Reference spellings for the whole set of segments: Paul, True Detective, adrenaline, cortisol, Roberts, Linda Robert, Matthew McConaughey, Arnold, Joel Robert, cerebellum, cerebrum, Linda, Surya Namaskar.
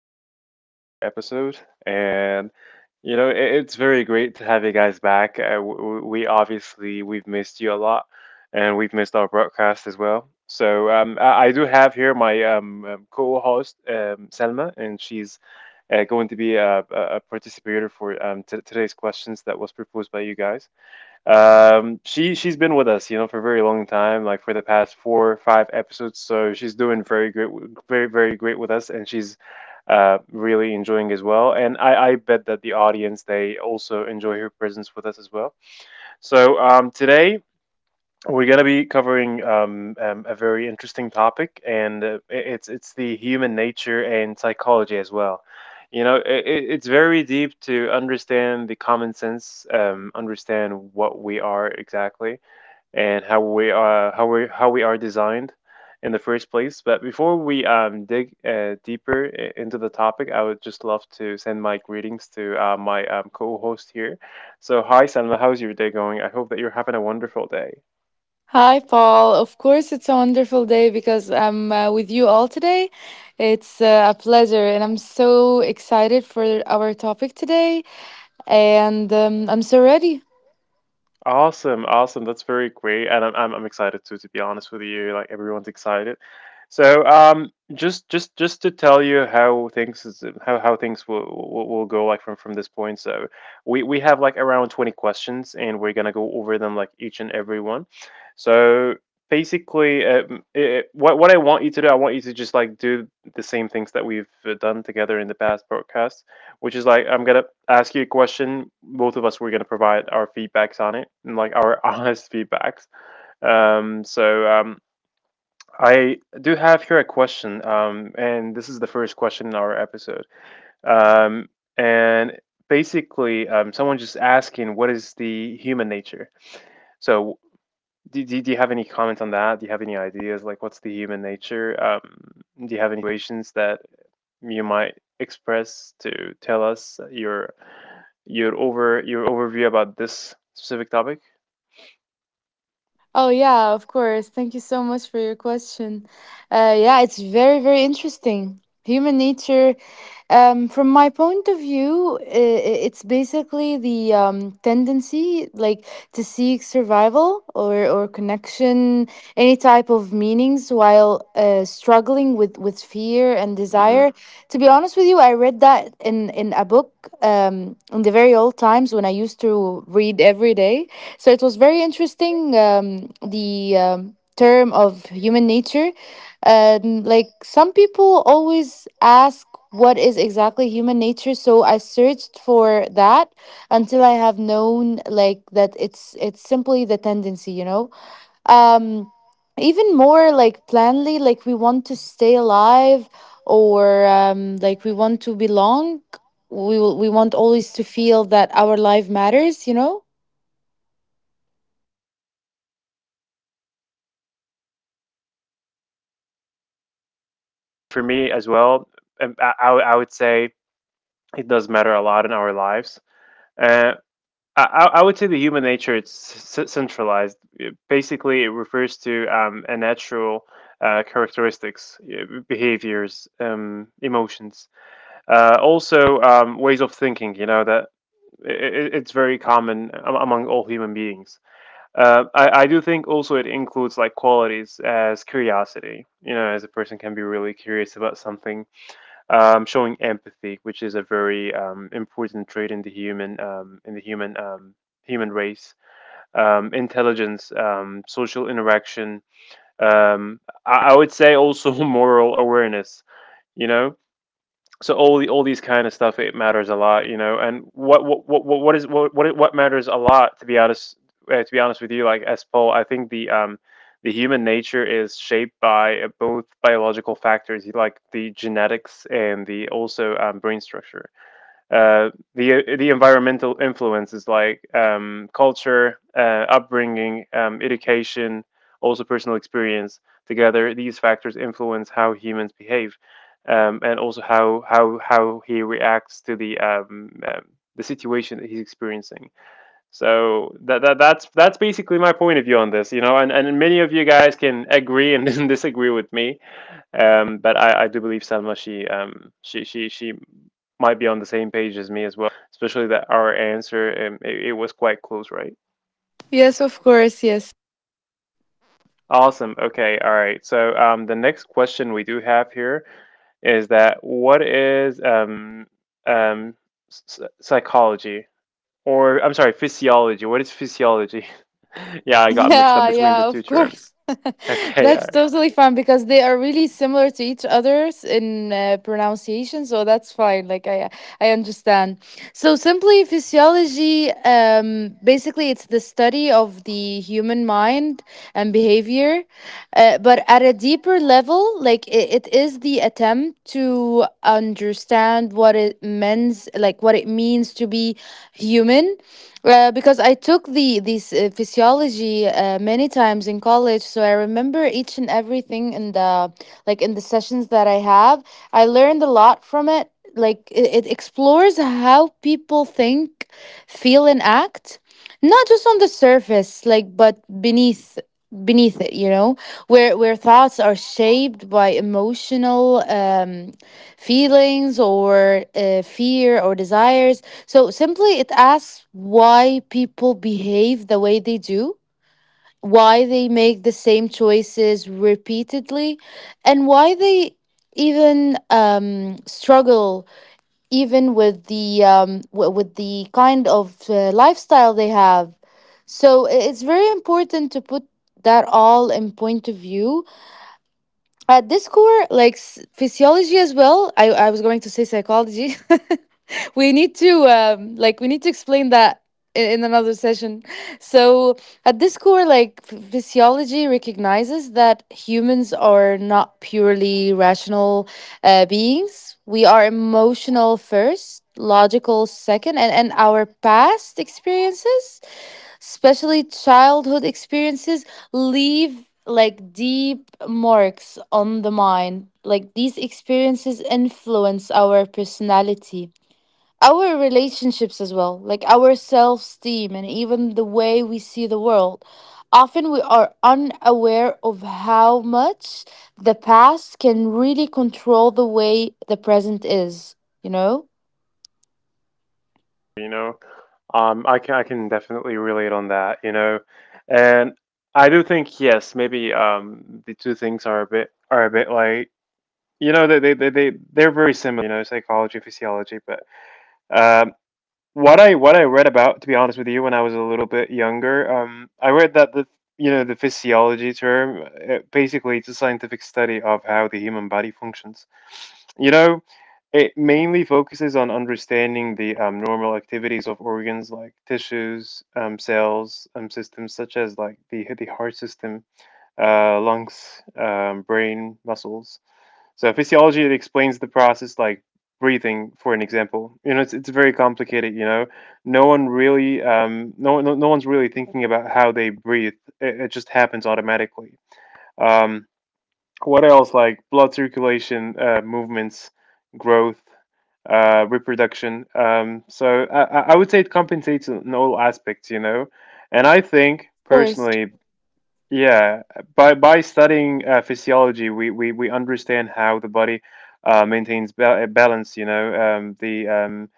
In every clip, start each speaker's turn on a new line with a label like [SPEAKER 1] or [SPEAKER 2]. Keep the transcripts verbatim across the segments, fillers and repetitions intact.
[SPEAKER 1] again with another episode, and you know it, it's very great to have you guys back. Uh, w- w- we obviously we've missed you a lot, and we've missed our broadcast as well. So um, I, I do have here my um, um, co-host um, Selma, and she's uh, going to be a, a a participator for um, t today's questions that was proposed by you guys. Um, she she's been with us, you know, for a very long time, like for the past four or five episodes. So she's doing very great, w- very very great with us, and she's uh really enjoying as well. And I I bet that the audience they also enjoy her presence with us as well. So um today. We're going to be covering um, um, a very interesting topic, and uh, i- it's it's the human nature and psychology as well. You know, i i- it's very deep to understand the common sense, um, understand what we are exactly, and how we are how we how we are designed in the first place. But before we um, dig uh, deeper i- into the topic, I would just love to send my greetings to uh, my um, co-host here. So, hi, Salma, how's your day going? I hope that you're having a wonderful day.
[SPEAKER 2] Hi, Paul. Of course, it's a wonderful day because I'm uh, with you all today. It's uh, a pleasure, and I'm so excited for our topic today. And um, I'm so ready.
[SPEAKER 1] Awesome, awesome. That's very great, and I'm I'm, I'm excited too. To be honest with you, like everyone's excited. So um, just just just to tell you how things is, how how things will, will will go like from from this point. So we we have like around twenty questions, and we're gonna go over them like each and every one. So basically, uh, m- it, what what I want you to do, I want you to just like do the same things that we've uh, done together in the past podcast which is like I'm gonna ask you a question. Both of us we're gonna provide our feedbacks on it, and like our honest feedbacks. Um, so um, I do have here a question, um, and this is the first question in our episode. Um, and basically, um, someone just asking, what is the human nature? So, do, do, do you have any comment on that? Do you have any ideas? Like, what's the human nature? Um, do you have any situations that you might express to tell us your your over your overview about this specific topic?
[SPEAKER 2] Oh, yeah, of course. Thank you so much for your question. Uh, yeah, it's very, very interesting. Human nature. Um, from my point of view, i- i- it's basically the um, tendency, like to seek survival or, or connection, any type of meanings, while uh, struggling with, with fear and
[SPEAKER 1] hmm
[SPEAKER 2] desire. To be honest with you, I read that in, in a book um, in the very old times when I used to read every day. So it was very interesting. Um, the um, term of human nature, um like some people always ask what is exactly human nature, so I searched for that until I have known like that it's it's simply the tendency, you know, um even more like planly, like we want to stay alive, or um like we want to belong, we will, we want always to feel that our life matters, you know.
[SPEAKER 1] For me as well, um, I, I would- I would say it does matter a lot in our lives. Uh, I, I I would say the human nature it's c- centralized. It- Basically, it refers to um, a natural uh, characteristics, uh, behaviors, um, emotions. Uh, also, um, ways of thinking, you know, that it, it's very common am- among all human beings. Uh, I, I do think also it includes like qualities as curiosity, you know, as a person can be really curious about something, um, showing empathy, which is a very um, important trait in the human um, in the human um, human race, um, intelligence, um, social interaction. Um, I, I would say also moral awareness. You know, so all the, all these kind of stuff it matters a lot, you know. And what what what what is what what what matters a lot to be honest uh, to be honest with you, like as Paul, I think the um the human nature is shaped by uh, both biological factors, like the genetics and the also um, brain structure uh, the the environmental influences like um, culture, uh, upbringing, um, education, also personal experience. Together, these factors influence how humans behave, um, and also how how how he reacts to the um, um, the situation that he's experiencing. So that, that that's that's basically my point of view on this, you know. And and many of you guys can agree and disagree with me. Um, but I, I do believe Salma she um she she she might be on the same page as me as well. Especially that our answer um, it, it was quite close, right?
[SPEAKER 2] Yes, of course. Yes.
[SPEAKER 1] Awesome. Okay. All right. So um, the next question we do have here is that what is um um s- s- psychology or I'm sorry physiology? What is physiology? Yeah, I got mixed up
[SPEAKER 2] Yeah,
[SPEAKER 1] between the
[SPEAKER 2] yeah,
[SPEAKER 1] two
[SPEAKER 2] of course.
[SPEAKER 1] terms. Okay. All
[SPEAKER 2] That's
[SPEAKER 1] right.
[SPEAKER 2] totally fine because they are really similar to each other's in uh, pronunciation, so that's fine. Like I, I understand. So simply physiology, um, basically it's the study of the human mind and behavior, uh, but at a deeper level, like it, it is the attempt to understand what it means, like what it means to be human, uh, because I took the this uh, physiology uh, many times in college, so I remember each and everything in the, like in the sessions that I have. I learned a lot from it. Like it, it explores how people think, feel, and act, not just on the surface, like but beneath beneath it. You know, where where thoughts are shaped by emotional um, feelings or uh, fear or desires. So simply, it asks why people behave the way they do, why they make the same choices repeatedly, and why they even um, struggle even with the um, w- with the kind of uh, lifestyle they have. So i- it's very important to put that all in point of view at this core, like s- physiology. As well, i, I was going to say psychology. We need to um, like we need to explain that in, in another session. So at this core, like ph- physiology recognizes that humans are not purely rational uh, beings. We are emotional first, logical second, and, and our past experiences, especially childhood experiences, leave like deep marks on the mind. Like these experiences influence our personality, our relationships as well, like our self-esteem and even the way we see the world. Often we are unaware of how much the past can really control the way the present is, you know, of
[SPEAKER 1] You know. Um, I can I can definitely relate on that, you know, and I do think yes, maybe um the two things are a bit are a bit like you know they they they they- they're very similar, you know, psychology, physiology, but um what I what I read about, to be honest with you, when I was a little bit younger, um, I read that the you know the physiology term, it, basically, it's a scientific study of how the human body functions. You know, it mainly focuses on understanding the um, normal activities of organs like tissues, um, cells, um, systems such as like the the heart system, uh, lungs, um, brain, muscles. So physiology it explains the process like breathing, for an example. You know, it's it's very complicated. You know, no one really, um, no one- no no one's really thinking about how they breathe. It, it just happens automatically. Um, what else? Like blood circulation, uh, movements, growth, uh, reproduction. Um, so I I I would say it compensates in all aspects. You know, and I think
[SPEAKER 2] course.
[SPEAKER 1] personally, yeah, by by studying uh, physiology, we, we we understand how the body uh, maintains ba balance. You know, um, the um,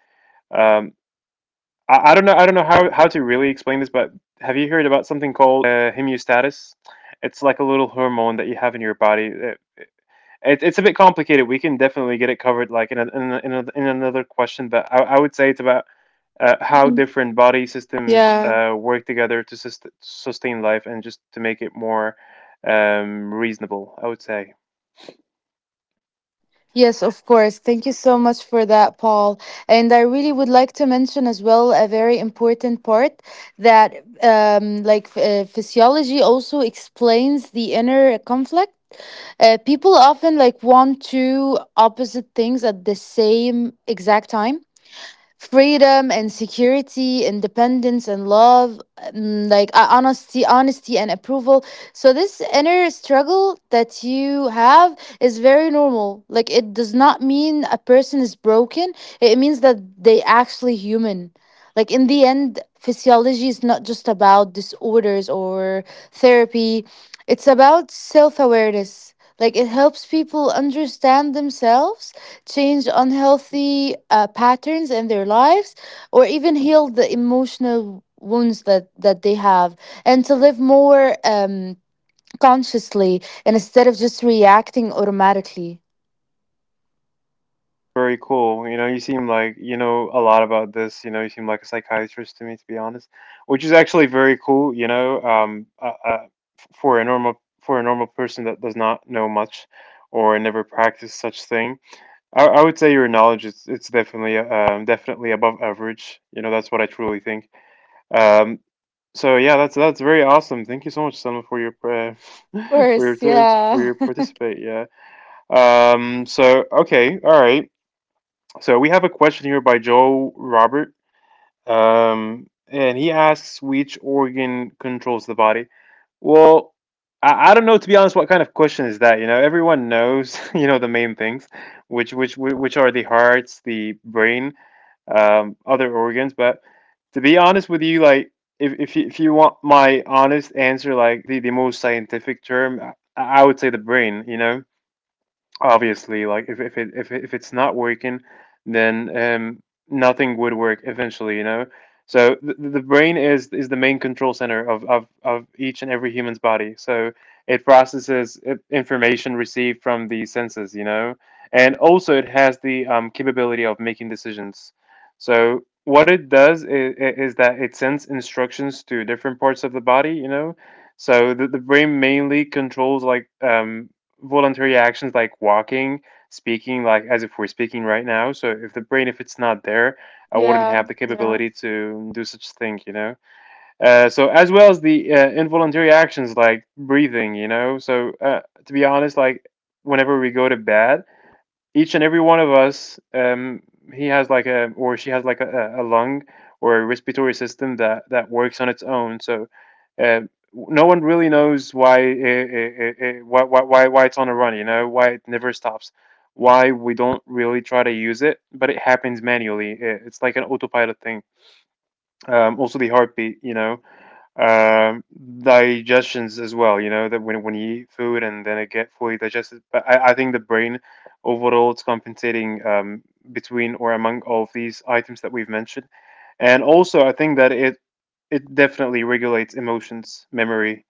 [SPEAKER 1] um, I, I don't know I don't know how how to really explain this, but have you heard about something called uh, hemostasis? It's like a little hormone that you have in your body. It, it, it's a bit complicated. We can definitely get it covered like in a, in a, in, a, in another question, but I, I would say it's about uh, how
[SPEAKER 2] Mm.
[SPEAKER 1] different body systems
[SPEAKER 2] Yeah.
[SPEAKER 1] uh, work together to sust- sustain life and just to make it more um, reasonable, I would say.
[SPEAKER 2] Yes, of course. Thank you so much for that, Paul. And I really would like to mention as well a very important part that, um, like, uh, physiology also explains the inner conflict. Uh, people often like want two opposite things at the same exact time: freedom and security, independence and love, mm, like uh, honesty honesty and approval. So this inner struggle that you have is very normal. Like it does not mean a person is broken. It means that they actually human. Like in the end, physiology is not just about disorders or therapy, it's about self-awareness. Like it helps people understand themselves, change unhealthy uh, patterns in their lives, or even heal the emotional wounds that that they have, and to live more um consciously, and instead of just reacting automatically.
[SPEAKER 1] Very cool. You know, you seem like you know a lot about this. You know, you seem like a psychiatrist to me, to be honest, which is actually very cool. You know, um, uh, uh, f- for a normal for a normal person that does not know much or never practice such thing, I, I would say your knowledge is it's definitely um, definitely above average. You know, that's what I truly think. Um, So yeah, that's that's very awesome. Thank you so much, Selma, for your uh,
[SPEAKER 2] Of
[SPEAKER 1] for your
[SPEAKER 2] course.
[SPEAKER 1] t- for
[SPEAKER 2] Yeah.
[SPEAKER 1] your participate. Yeah. Um. So okay. All right. So we have a question here by Joel Robert. Um, and he asks which organ controls the body. Well, I, I don't know to be honest what kind of question is that, you know. Everyone knows, you know, the main things, which which whi- which are the hearts, the brain, um, other organs, but to be honest with you, like if if you, if you want my honest answer, like the, the most scientific term, I, I would say the brain, you know, obviously, like if if it, if it, if it's not working, then um nothing would work eventually, you know. So the, the brain is is the main control center of, of of each and every human's body. So it processes i- information received from the senses, you know, and also it has the um, capability of making decisions. So what it does is, is that it sends instructions to different parts of the body, you know. So the, the brain mainly controls like um, voluntary actions like walking, speaking, like as if we're speaking right now. So if the brain, if it's not there, I wouldn't
[SPEAKER 2] Yeah,
[SPEAKER 1] have the
[SPEAKER 2] yeah.
[SPEAKER 1] capability to do such thing, you know. Uh, so as well as the uh, involuntary actions like breathing, you know. So uh, to be honest, like whenever we go to bed, each and every one of us, um, he has like a, or she has like a, a lung or a respiratory system that that works on its own. So uh, no one really knows why it, it, it, why why why it's on a run. You know why it never stops. Why we don't really try to use it, but it happens manually. It, it's like an autopilot thing. Um, also the heartbeat. You know um Digestions as well, you know, that when when you eat food and then it get fully digested. But I, I think the brain overall it's compensating, um between or among all of these items that we've mentioned. And also I think that it it definitely regulates emotions, memory,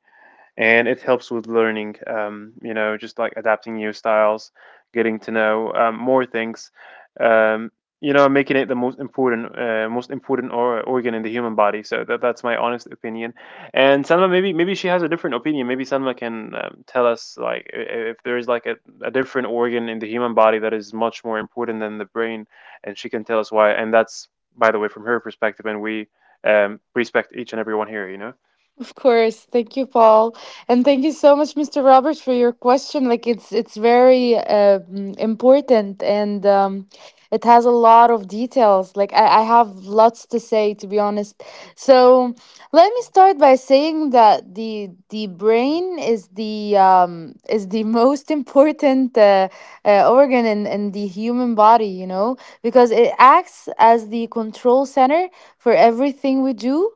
[SPEAKER 1] and it helps with learning, um, you know just like adapting new styles, getting to know, um, more things, um, you know making it the most important uh, most important or- organ in the human body. So that, that's my honest opinion. And Salma, maybe maybe she has a different opinion. Maybe Salma can, um, tell us, like, i- if there is like a, a different organ in the human body that is much more important than the brain, and she can tell us why. And that's, by the way, from her perspective. And we, um, respect each and every one here you know
[SPEAKER 2] Of course. Thank you, Paul. And thank you so much, mister Roberts, for your question. Like it's it's very um, important, and um, it has a lot of details. Like I, I have lots to say, to be honest. So let me start by saying that the the brain is the um, is the most important uh, uh, organ in, in the human body, you know, because it acts as the control center for everything we do.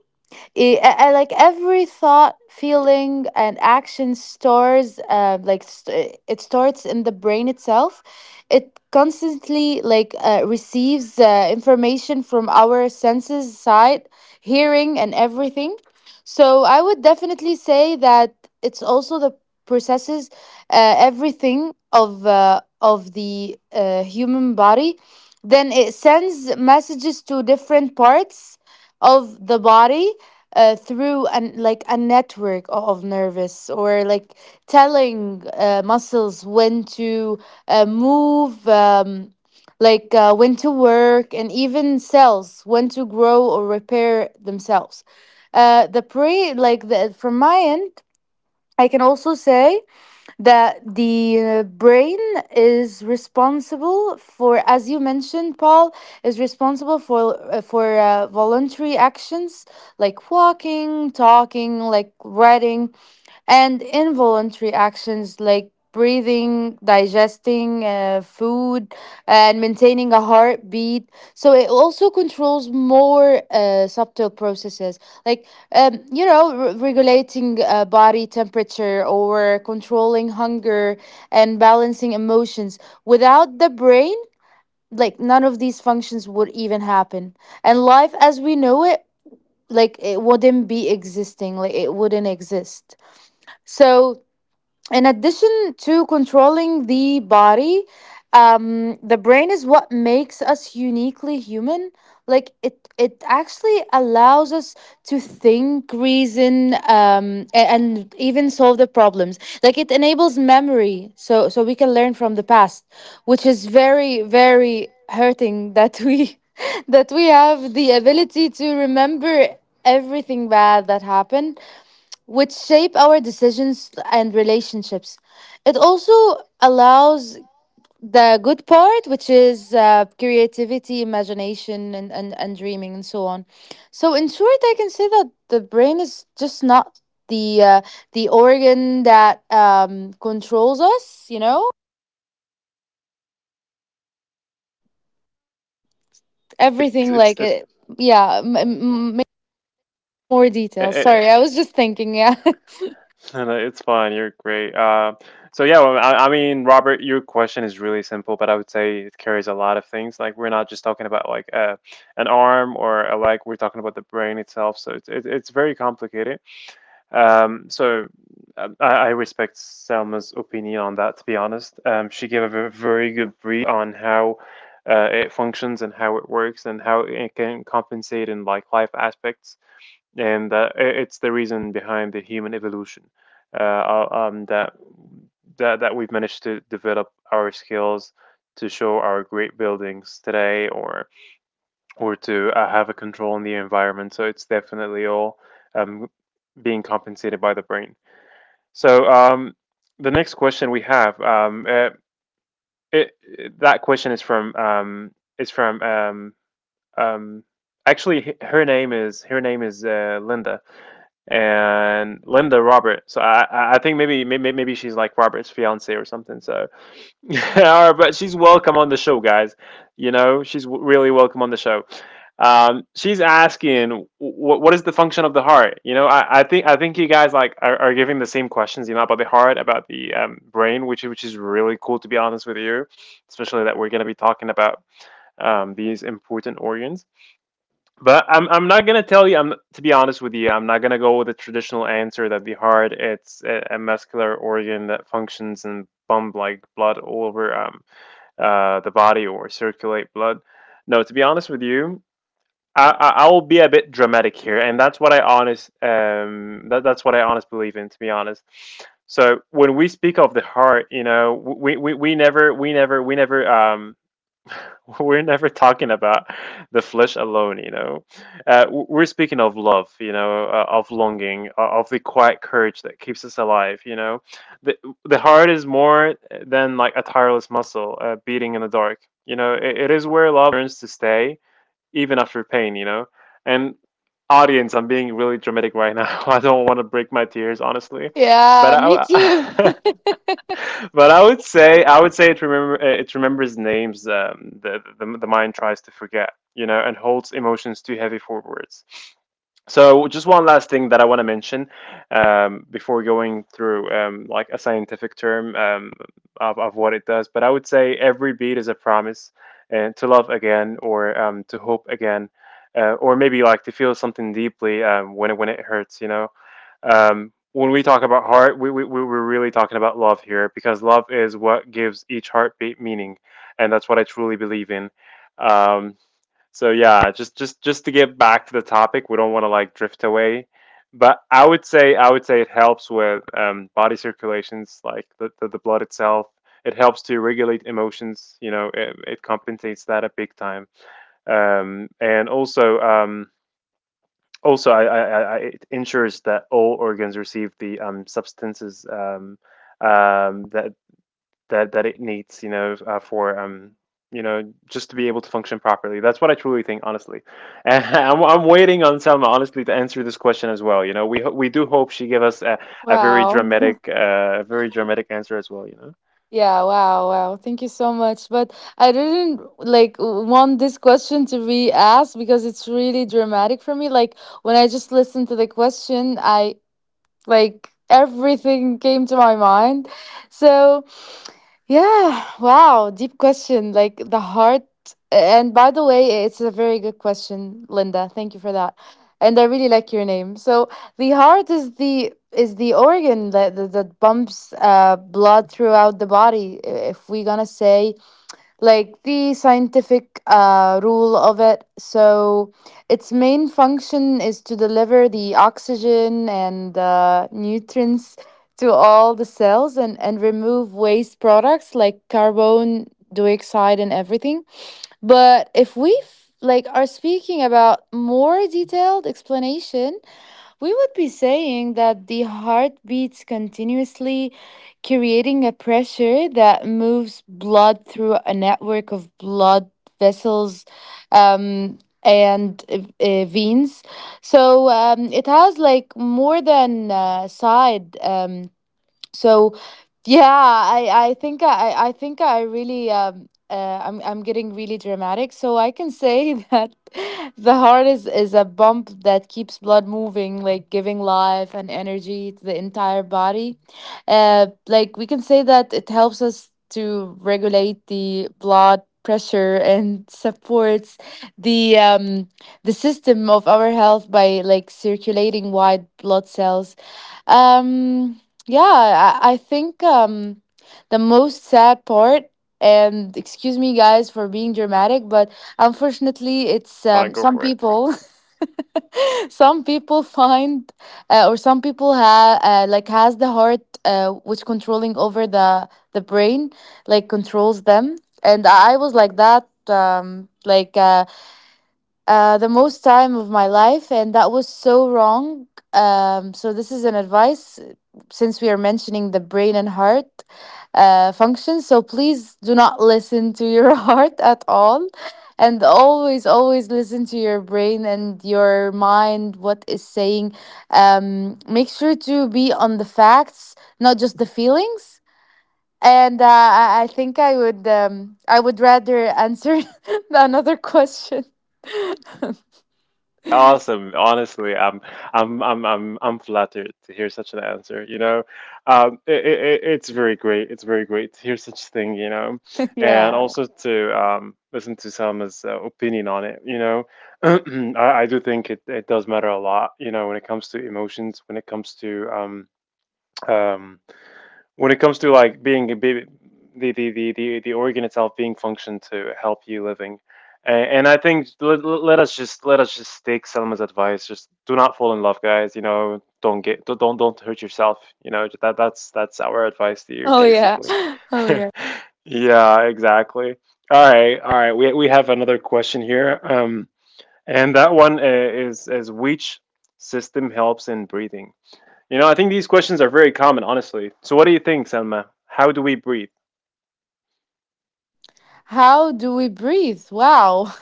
[SPEAKER 2] I, I- I like every thought, feeling, and action stores uh, like st- it starts in the brain itself. It constantly like uh, receives uh, information from our senses side, hearing, and everything. So I would definitely say that it's also the processes uh, everything of uh, of the uh, human body. Then it sends messages to different parts of the body, uh, through an like a network o- of nervous, or like telling uh, muscles when to uh, move, um, like uh, when to work, and even cells when to grow or repair themselves. Uh, the pre like the, From my end, I can also say that the uh, brain is responsible for, as you mentioned, Paul, is responsible for uh, for uh, voluntary actions like walking, talking, like writing, and involuntary actions like breathing, digesting uh, food, and maintaining a heartbeat. So it also controls more uh, subtle processes like, um, you know, re- regulating uh, body temperature, or controlling hunger, and balancing emotions. Without the brain, like none of these functions would even happen. And life as we know it, like it wouldn't be existing, like it wouldn't exist. So in addition to controlling the body, um, the brain is what makes us uniquely human. Like it it actually allows us to think, reason, um, a- and even solve the problems. Like it enables memory, so so we can learn from the past, which is very, very hurting that we that we have the ability to remember everything bad that happened, which shape our decisions and relationships. It also allows the good part, which is uh, creativity, imagination, and, and, and dreaming, and so on. So, in short, I can say that the brain is just not the uh, the organ that um, controls us. You know,
[SPEAKER 1] it's
[SPEAKER 2] everything,
[SPEAKER 1] it's
[SPEAKER 2] like it, yeah, m- m- m- much more detail.
[SPEAKER 1] the
[SPEAKER 2] Sorry, I was just thinking. Yeah,
[SPEAKER 1] No, no, it's fine. You're great. Uh, so yeah, well, I, I mean, Robert, your question is really simple, but I would say it carries a lot of things. Like we're not just talking about, like, uh, an arm or a leg. We're talking about the brain itself. So it's it's, it's very complicated. Um, so um, I, I respect Selma's opinion on that, to be honest. Um, she gave a very good brief on how uh, it functions and how it works and how it can compensate in, like, life aspects. And uh, i- it's the reason behind the human evolution. Uh, uh, um, that that that we've managed to develop our skills to show our great buildings today, or or to uh, have a control on the environment. So it's definitely all, um, being compensated by the brain. So, um, the next question we have, um, uh, it, it- that question is from, um, is from um, um, actually, h- her name is her name is uh, Linda, and Linda Robert. So I I I think maybe maybe maybe she's like Robert's fiance or something. So All right, but she's welcome on the show, guys. You know, she's w- really welcome on the show. Um, she's asking, what what is the function of the heart? You know, I, I think I think you guys, like, are, are giving the same questions, you know, about the heart, about the, um, brain, which which is really cool, to be honest with you, especially that we're gonna be talking about, um, these important organs. But I'm, I'm not gonna tell you. I'm To be honest with you, I'm not gonna go with the traditional answer that the heart, it's a, a muscular organ that functions and pump, like, blood all over, um, uh, the body, or circulate blood. No, to be honest with you, I, I, I will be a bit dramatic here, and that's what I honest um that, that's what I honest believe in. To be honest, so when we speak of the heart, you know, we, we, we never we never we never um we're never talking about the flesh alone, you know. Uh, w- we're speaking of love, you know, uh, of longing, uh, of the quiet courage that keeps us alive, you know. The, the heart is more than, like, a tireless muscle, uh, beating in the dark, you know. It, it is where love learns to stay, even after pain, you know. And, audience, I'm being really dramatic right now. I don't want to break my tears, honestly. But
[SPEAKER 2] yeah, me too.
[SPEAKER 1] I, but I would say, I would say it remember, uh, it remembers names, um, the, the the mind tries to forget, you know, and holds emotions too heavy for words. So just one last thing that I want to mention, um, before going through, um, like, a scientific term, um, of, of what it does. But I would say every beat is a promise, and to love again, or um, to hope again. Uh, or maybe, like, to feel something deeply, um, when it when it hurts, you know. Um, when we talk about heart, we, we, we we're really talking about love here, because love is what gives each heartbeat meaning, and that's what I truly believe in. Um, so yeah, just just just to get back to the topic, we don't want to, like, drift away. But I would say, I would say it helps with, um, body circulations, like the, the the blood itself. It helps to regulate emotions. You know, it, it compensates that a big time. Um, and also, um, also, I, I, I, I- it ensures that all organs receive the, um, substances, um, um, that that that it needs, you know, uh, for, um, you know, just to be able to function properly. That's what I truly think, honestly. And I'm, I'm waiting on Selma, honestly, to answer this question as well. You know, we ho- we do hope she give us a, a very
[SPEAKER 2] Wow.
[SPEAKER 1] dramatic, uh, very dramatic answer as well. You know,
[SPEAKER 2] Yeah, wow, wow. Thank you so much. But I didn't like want this question to be asked because it's really dramatic for me. Like when I just listened to the question, I like everything came to my mind. So yeah, wow, deep question. Like the heart. And by the way, it's a very good question, Linda. Thank you for that. And I really like your name. So the heart is the is the organ that that, that pumps uh, blood throughout the body. If we're gonna say like the scientific uh, rule of it. So, its main function is to deliver the oxygen and uh, nutrients to all the cells, and, and remove waste products like carbon dioxide and everything. But if we f- like are speaking about more detailed explanation, we would be saying that the heart beats continuously, creating a pressure that moves blood through a network of blood vessels, um, and uh, uh, veins. So um, it has like more than uh, side. Um, so yeah, i i think i i think I really um uh, i'm I'm getting really dramatic, so I can say that the heart is is a pump that keeps blood moving, like giving life and energy to the entire body. Uh, like we can say that it helps us to regulate the blood pressure and supports the um the system of our health by like circulating white blood cells. um yeah, I, I think um, the most sad part, and excuse me guys for being dramatic, but unfortunately, it's
[SPEAKER 1] fine,
[SPEAKER 2] um,
[SPEAKER 1] go
[SPEAKER 2] some
[SPEAKER 1] for it.
[SPEAKER 2] people. Some people find uh, or some people have uh, like has the heart uh, which controlling over the the brain, like controls them. And I was like that, um like uh, uh, the most time of my life, and that was so wrong. Um, so this is an advice, uh, since we are mentioning the brain and heart uh, functions. So please do not listen to your heart at all, and always, always listen to your brain and your mind. What is saying? Um, make sure to be on the facts, not just the feelings. And uh, I I think I would um, I would rather answer another question.
[SPEAKER 1] Awesome. Honestly, I'm I'm I'm I'm I'm flattered to hear such an answer, you know. Um it, it, it- it's very great. It's very great to hear such thing, you know. And
[SPEAKER 2] Yeah.
[SPEAKER 1] also to um listen to Selma's, uh, opinion on it, you know. I, I do think, it, it does matter a lot, you know, when it comes to emotions, when it comes to um um when it comes to, like, being a baby, the the the the, the organ itself being functioned to help you living. and, and I think, let, let us just let us just take Selma's advice: just do not fall in love, guys, you know. Don't get, don't don't, don't hurt yourself, you know. That that's that's our advice to you,
[SPEAKER 2] Oh yeah.
[SPEAKER 1] basically.
[SPEAKER 2] Oh yeah.
[SPEAKER 1] Yeah, exactly. All right, all right, we, we have another question here, um and that one, uh, is is which system helps in breathing. You know, I think these questions are very common, honestly. So, what do you think, Selma? How do we breathe?
[SPEAKER 2] How do we breathe? Wow.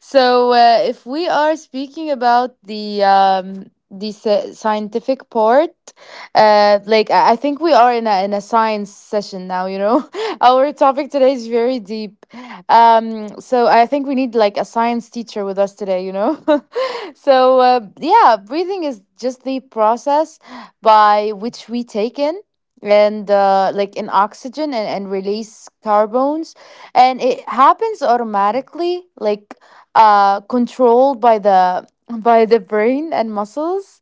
[SPEAKER 2] So, uh, if we are speaking about the um, the sci- scientific part, uh, like I I think we are in a in a science session now, you know. Our topic today is very deep. Um, so I think we need like a science teacher with us today, you know. So, uh, yeah, breathing is just the process by which we take in and uh, like in oxygen and, and release carbons, and it happens automatically, like uh controlled by the by the brain and muscles.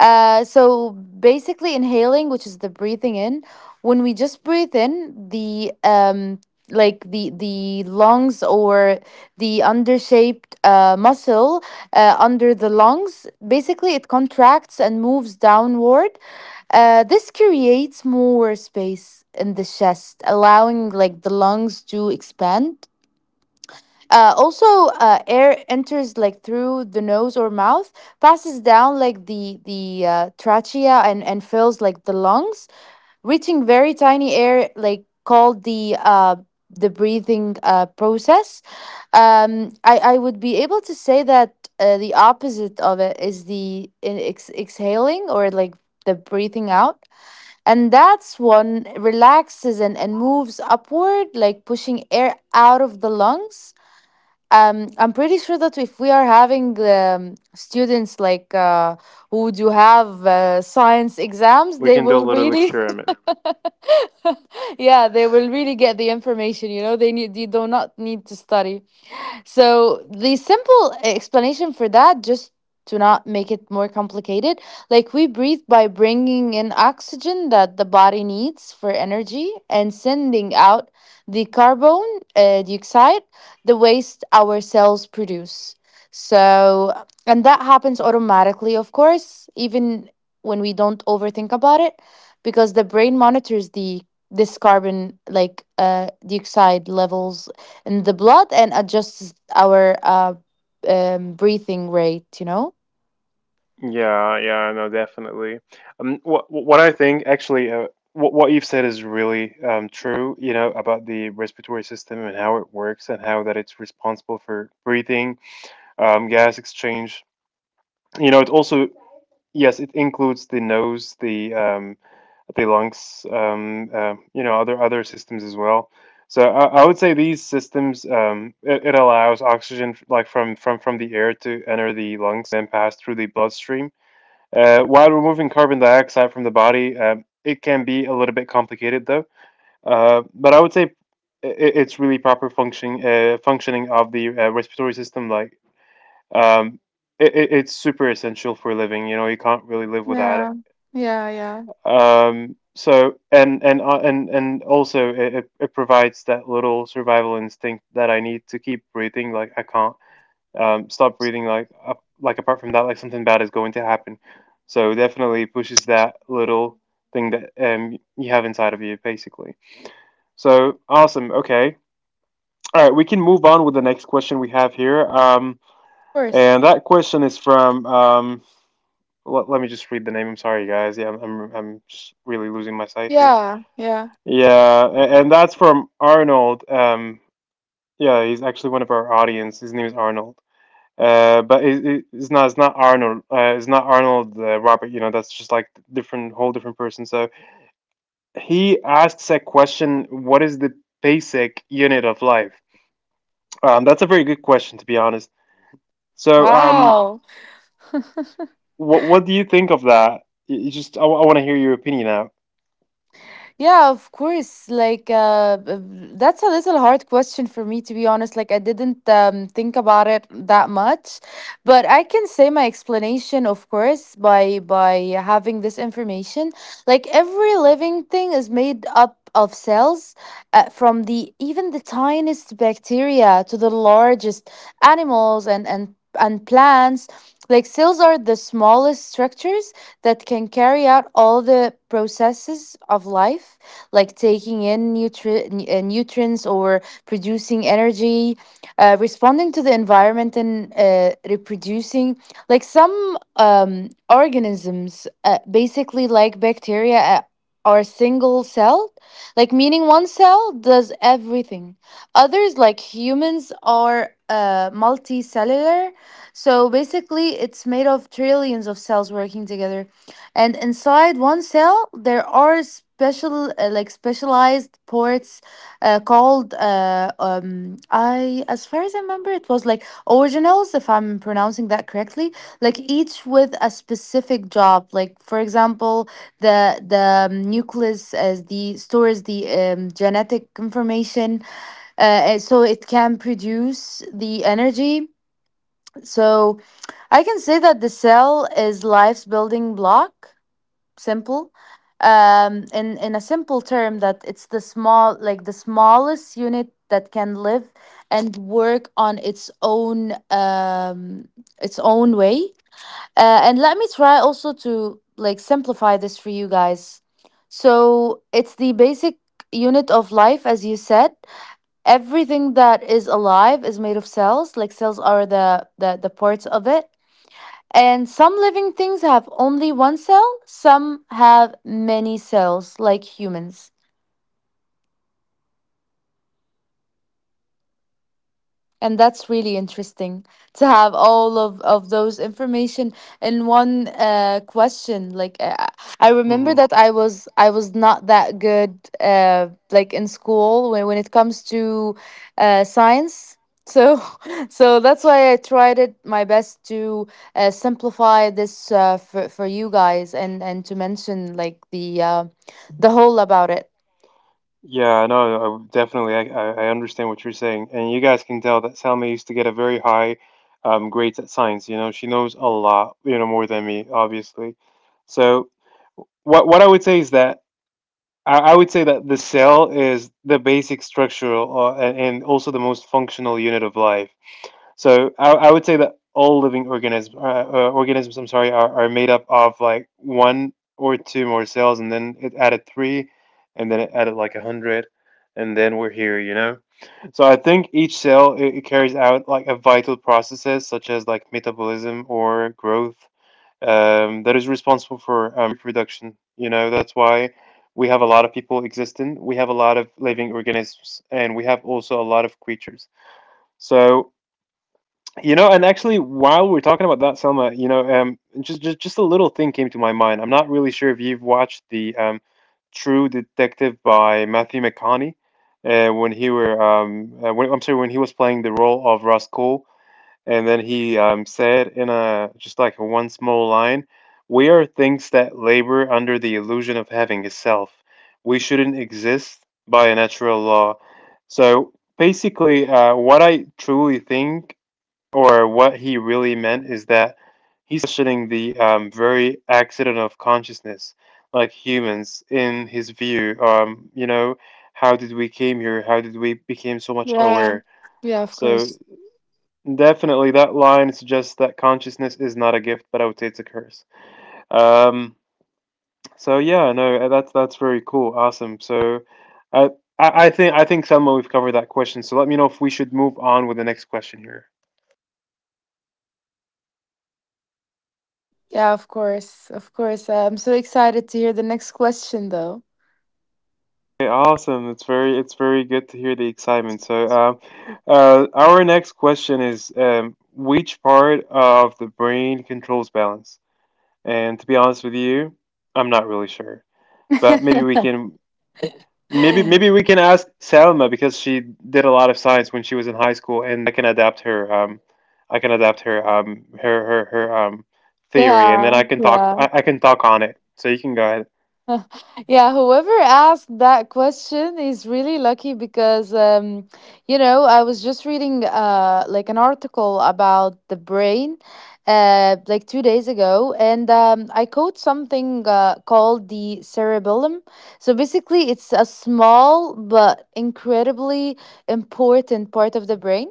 [SPEAKER 2] uh, So basically, inhaling, which is the breathing in, when we just breathe in, the um, like the the lungs, or the undershaped uh, muscle uh, under the lungs, basically it contracts and moves downward. Uh, this creates more space in the chest, allowing like the lungs to expand. Uh, also, uh, air enters like through the nose or mouth, passes down like the the uh, trachea and and fills like the lungs, reaching very tiny air like called the uh, the breathing uh, process. Um, I I would be able to say that uh, the opposite of it is the in- ex- exhaling, or like the breathing out. And that's one relaxes and and moves upward, like pushing air out of the lungs. um, I'm pretty sure that if we are having um, students like uh, who do have uh, science exams,
[SPEAKER 1] We
[SPEAKER 2] they
[SPEAKER 1] can do a
[SPEAKER 2] will
[SPEAKER 1] little
[SPEAKER 2] really,
[SPEAKER 1] experiment.
[SPEAKER 2] yeah, they will really get the information. You know, they need they do not need to study. So the simple explanation for that, just to not make it more complicated, like we breathe by bringing in oxygen that the body needs for energy and sending out the carbon uh, dioxide, the waste our cells produce. So, and that happens automatically, of course, even when we don't overthink about it, because the brain monitors the this carbon, like uh dioxide levels in the blood, and adjusts our uh, um, breathing rate, you know?
[SPEAKER 1] Yeah, yeah, no, definitely. Um, what what I think actually, uh, what what you've said is really, um, true. You know, about the respiratory system and how it works and how that it's responsible for breathing, um, gas exchange. You know, it also— yes, it includes the nose, the, um, the lungs, um, uh, you know, other other systems as well. So, I, I would say, these systems, um, it, it allows oxygen, f- like, from from from the air, to enter the lungs and pass through the bloodstream, Uh, while removing carbon dioxide from the body. Um, it can be a little bit complicated though. Uh, but I would say, i i- it's really proper functioning, uh, functioning of the, uh, respiratory system. Like, um, it, it, it's super essential for living. You know, you can't really live without it.
[SPEAKER 2] Yeah. Yeah. Yeah. Of
[SPEAKER 1] Um so and, and uh, and and also, it, it it provides that little survival instinct that I need to keep breathing. Like I can't, um stop breathing, like, up, like, apart from that, like, something bad is going to happen. So definitely pushes that little thing that, um you have inside of you, basically. So, awesome, okay. All right, we can move on with the next question we have here, um
[SPEAKER 2] course.
[SPEAKER 1] and that question is from, um let, let me just read the name. I'm sorry, guys. Yeah, i'm i'm, I'm just really losing my sight here.
[SPEAKER 2] Yeah. Yeah.
[SPEAKER 1] Yeah, a- and that's from Arnold. Um, yeah, he's actually one of our audience. His name is Arnold. Uh, but it, it, it's not— it's not Arnold. Uh, it's not Arnold, uh, Robert. You know, that's just, like, different, whole different person. So he asks a question: what is the basic unit of life? Um, that's a very good question, to be honest. So, um,
[SPEAKER 2] Wow.
[SPEAKER 1] what what do you think of that? You you just I want to hear your opinion.
[SPEAKER 2] Yeah, of course. Like, uh, b- b- that's a little hard question for me, to be honest. Like, I didn't um, think about it that much, but I can say my explanation, of course, by by having this information. Like, every living thing is made up of cells, uh, from the even the tiniest bacteria to the largest animals and and and plants. Like, cells are the smallest structures that can carry out all the processes of life, like taking in nutri- n- uh, nutrients, or producing energy, uh, responding to the environment, and uh, reproducing. Like some um, organisms, uh, basically like bacteria, uh, are single celled, like meaning one cell does everything. Others, like humans, are uh, multicellular. So basically, it's made of trillions of cells working together, and inside one cell there are special uh, like specialized ports uh, called, uh, um, I, as far as I remember, it was like originals, if I'm pronouncing that correctly, like each with a specific job. Like, for example, the the um, nucleus as the stores the um, genetic information, uh, and so it can produce the energy. So I can say that the cell is life's building block. Simple. Um in in a simple term, that it's the small, like the smallest unit that can live and work on its own, um its own way. Uh, and let me try also to like simplify this for you guys. So it's the basic unit of life, as you said. Everything that is alive is made of cells. Like cells are the the, the parts of it, and some living things have only one cell, some have many cells, like humans. And that's really interesting, to have all of, of those information in one uh, question. Like, uh, I remember
[SPEAKER 1] Hmm.
[SPEAKER 2] that I was I was not that good, uh, like in school, when, when it comes to uh, science. So so that's why I tried it my best to uh, simplify this, uh, for, for you guys, and, and to mention like the uh, the whole about it.
[SPEAKER 1] Yeah, no, I, definitely. I, I I understand what you're saying. And you guys can tell that Selma used to get a very high, um, grades at science. You know, she knows a lot, you know, more than me, obviously. So what what I would say is that, I, I would say that the cell is the basic structural, uh, a- and also the most functional unit of life. So, I, I would say that all living organisms, uh, uh, organisms, I'm sorry, are, are made up of, like, one or two more cells, and then it added three, and then it added, like, a hundred, and then we're here, you know. So I think each cell, it, it carries out, like, a vital processes such as, like, metabolism or growth, um, that is responsible for, um, reproduction. You know, that's why we have a lot of people existing, we have a lot of living organisms, and we have also a lot of creatures. So, you know, and actually, while we're talking about that, Selma, you know, um, just, just just a little thing came to my mind. I'm not really sure if you've watched the, um, True Detective by Matthew McConaughey. Uh, when he were, um, uh, when, I'm sorry, when he was playing the role of Ross Cole, and then he um, said in a just like a one small line, "We are things that labor under the illusion of having a self. We shouldn't exist by a natural law." So basically, uh, what I truly think, or what he really meant, is that he's questioning the um, very accident of consciousness, like humans, in his view. Um, you know, how did we came here? How did we became so much
[SPEAKER 2] Yeah.
[SPEAKER 1] aware?
[SPEAKER 2] Yeah, of
[SPEAKER 1] So
[SPEAKER 2] course.
[SPEAKER 1] definitely, that line suggests that consciousness is not a gift, but I would say it's a curse. Um, so yeah, no, uh, that's that's very cool, awesome. So, I I I think I think Selma, we've covered that question. So let me know if we should move on with the next question here.
[SPEAKER 2] Yeah, of course. Of course. uh, I'm so excited to hear the next question, though.
[SPEAKER 1] Okay, awesome. It's very it's very good to hear the excitement. So, um, uh, our next question is, um, which part of the brain controls balance? And to be honest with you, I'm not really sure, but maybe we can Maybe maybe we can ask Salma because she did a lot of science when she was in high school, and I can adapt her. Um, I can adapt her. Um, her her her um theory, and then
[SPEAKER 2] Yeah,
[SPEAKER 1] I can talk.
[SPEAKER 2] yeah.
[SPEAKER 1] I, I can talk on it. So you can go ahead.
[SPEAKER 2] Yeah, whoever asked that question is really lucky, because um you know, I was just reading uh like an article about the brain uh like two days ago, and um I quote something uh, called the cerebellum. So basically, it's a small but incredibly important part of the brain,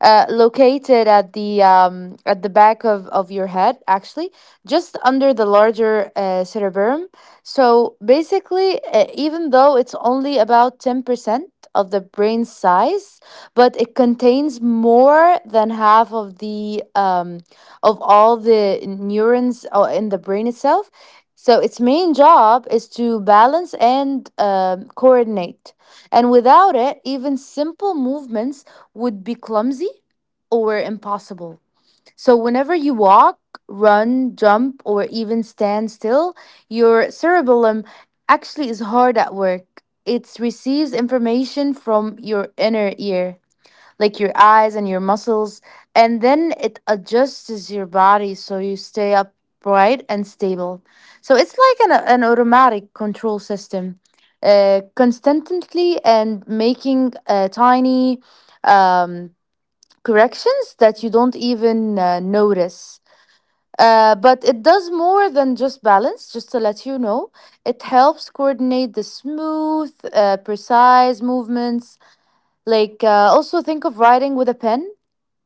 [SPEAKER 2] uh, located at the um, at the back of, of your head, actually, just under the larger uh, cerebrum. So basically, uh, even though it's only about ten percent of the brain size, but it contains more than half of the um, of all the neurons uh, in the brain itself. So its main job is to balance and um coordinate. And without it, even simple movements would be clumsy or impossible. So, whenever you walk, run, jump, or even stand still, your cerebellum actually is hard at work. It receives information from your inner ear, like your eyes and your muscles, and then it adjusts your body so you stay upright and stable. So, it's like an, an automatic control system. Uh, constantly and making uh, tiny um, corrections that you don't even uh, notice. Uh, but it does more than just balance, just to let you know. It helps coordinate the smooth, uh, precise movements. Like, uh, also think of writing with a pen,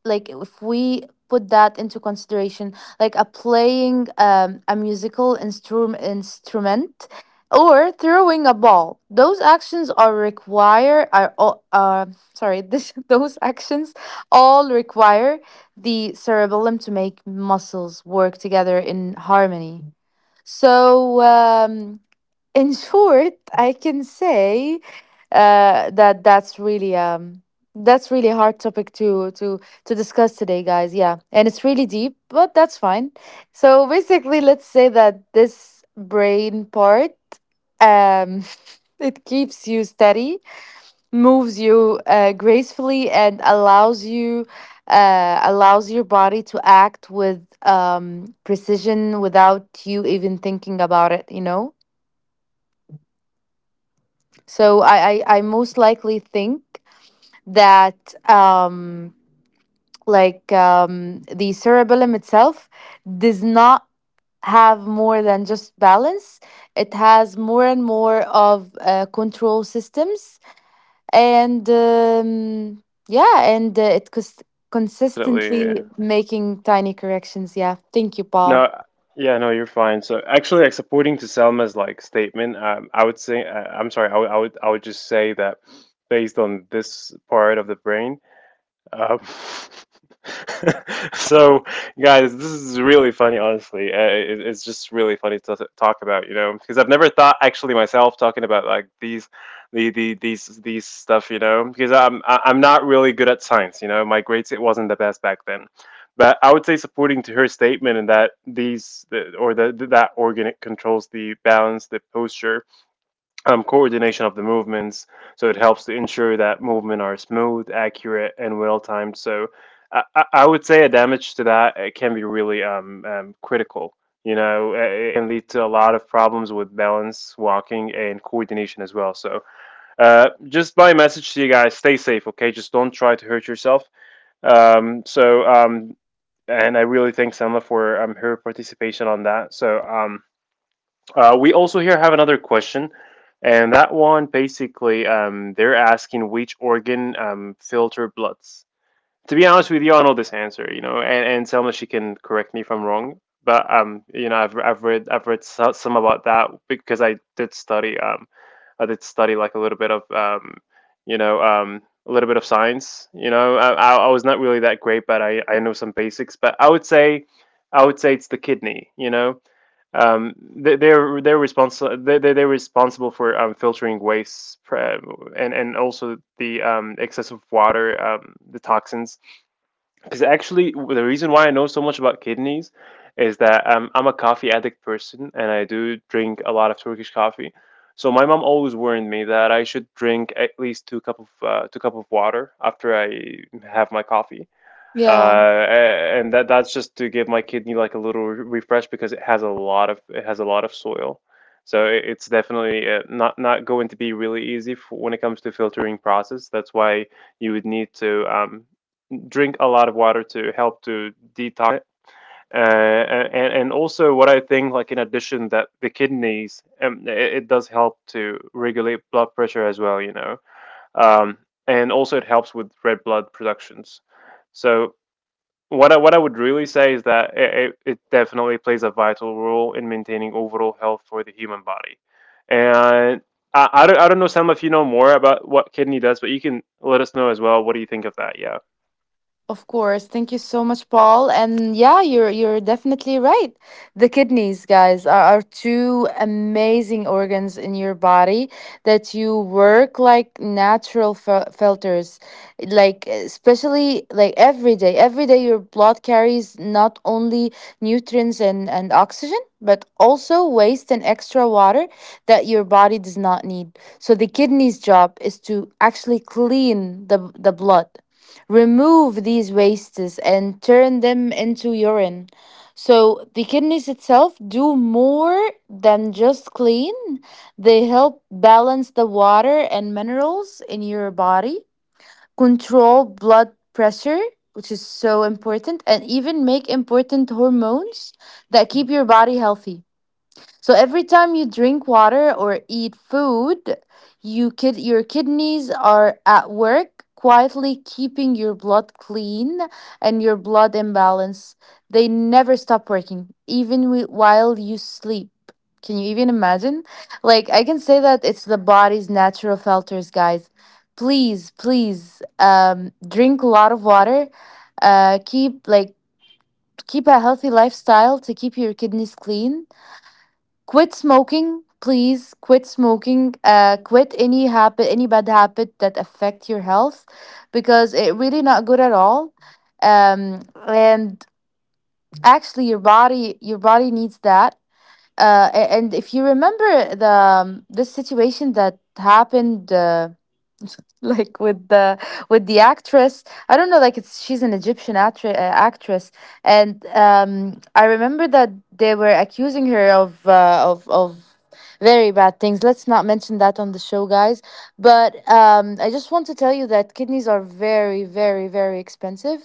[SPEAKER 2] like if we put that into consideration, like a playing um, a musical instrum- instrument, or throwing a ball. Those actions are require are all uh, sorry, this, those actions all require the cerebellum to make muscles work together in harmony. So um, in short, I can say uh, that that's really um that's really a hard topic to to to discuss today, guys. Yeah, and it's really deep, but that's fine. So basically, let's say that this brain part, um it keeps you steady, moves you uh, gracefully, and allows you uh, allows your body to act with um precision, without you even thinking about it, you know. So I, I, I most likely think that um, like um, the cerebellum itself does not have more than just balance. It has more and more of uh, control systems, and um, yeah, and uh, it cons-
[SPEAKER 1] Definitely.
[SPEAKER 2] consistently making tiny corrections. Yeah, thank you, Paul.
[SPEAKER 1] No, yeah, no, you're fine. So actually, like supporting to Selma's like statement, um, I would say, uh, I'm sorry, I would, I would, I would just say that based on this part of the brain. Um, so, guys, this is really funny, honestly. Uh, it, it's just really funny to t- talk about, you know, because I've never thought actually myself talking about like these, the, the these these stuff, you know, because I'm I- I'm not really good at science, you know. My grades it wasn't the best back then, but I would say supporting to her statement in that these the, or the, that organ it controls the balance, the posture um, coordination of the movements. So it helps to ensure that movement are smooth, accurate, and well timed. So I, I I would say a damage to that it can be really um, um, critical. You know, uh, it can lead to a lot of problems with balance, walking, and coordination as well. So, uh, just my message to you guys: stay safe, okay? Just don't try to hurt yourself. Um, so, um, and I really thank Selma for um, her participation on that. So, um, uh, we also here have another question, and that one basically um, they're asking which organ um, filter bloods. To be honest with you, I know this answer, you know, and, and Selma she can correct me if I'm wrong, but um, you know, I've I've read I've read so- some about that because I did study um, I did study like a little bit of um, you know um, a little bit of science, you know, I, I I was not really that great, but I I know some basics, but I would say I would say it's the kidney, you know um, they, they're they're responsible they, they- are responsible for um, filtering waste pra- and and also the um, excess of water um, the toxins because actually the reason why I know so much about kidneys is that um, I'm a coffee addict person and I do drink a lot of Turkish coffee, so my mom always warned me that I should drink at least two cup of uh, two cup of water after I have my coffee, uh,
[SPEAKER 2] Yeah.
[SPEAKER 1] and that that's just to give my kidney like a little re- refresh because it has a lot of it has a lot of soil, so it, it's definitely uh, not not going to be really easy for, when it comes to filtering process. That's why you would need to um, drink a lot of water to help to detox it. Uh, and and also what I think like in addition that the kidneys um, it, it does help to regulate blood pressure as well. You know, um, and also it helps with red blood productions. So what I, what I would really say is that it, it it definitely plays a vital role in maintaining overall health for the human body. And I, I, don't, I don't know, Sam, if you know more about what kidney does, but you can let us know as well. What do you think of that? Yeah.
[SPEAKER 2] Of course. Thank you so much, Paul. And yeah, you're you're definitely right. The kidneys, guys, are, are two amazing organs in your body that you work like natural fil- filters. Like especially like every day. Every day your blood carries not only nutrients and, and oxygen, but also waste and extra water that your body does not need. So the kidney's job is to actually clean the the blood, remove these wastes and turn them into urine. So the kidneys itself do more than just clean. They help balance the water and minerals in your body, control blood pressure, which is so important, and even make important hormones that keep your body healthy. So every time you drink water or eat food, you kid your kidneys are at work, quietly keeping your blood clean and your blood in balance. They never stop working, even wi- while you sleep. Can you even imagine? Like I can say that it's the body's natural filters, guys. Please, please um drink a lot of water. Uh, keep like keep a healthy lifestyle to keep your kidneys clean. Quit smoking. Please quit smoking. Uh quit any habit, any bad habit that affect your health, because it really not good at all. um and actually your body, your body needs that. Uh a- and if you remember the um, this situation that happened, uh, like with the with the actress, I don't know, like it's she's an Egyptian actre- uh, actress, and um I remember that they were accusing her of uh, of of very bad things. Let's not mention that on the show, guys. But um I just want to tell you that kidneys are very, very, very expensive.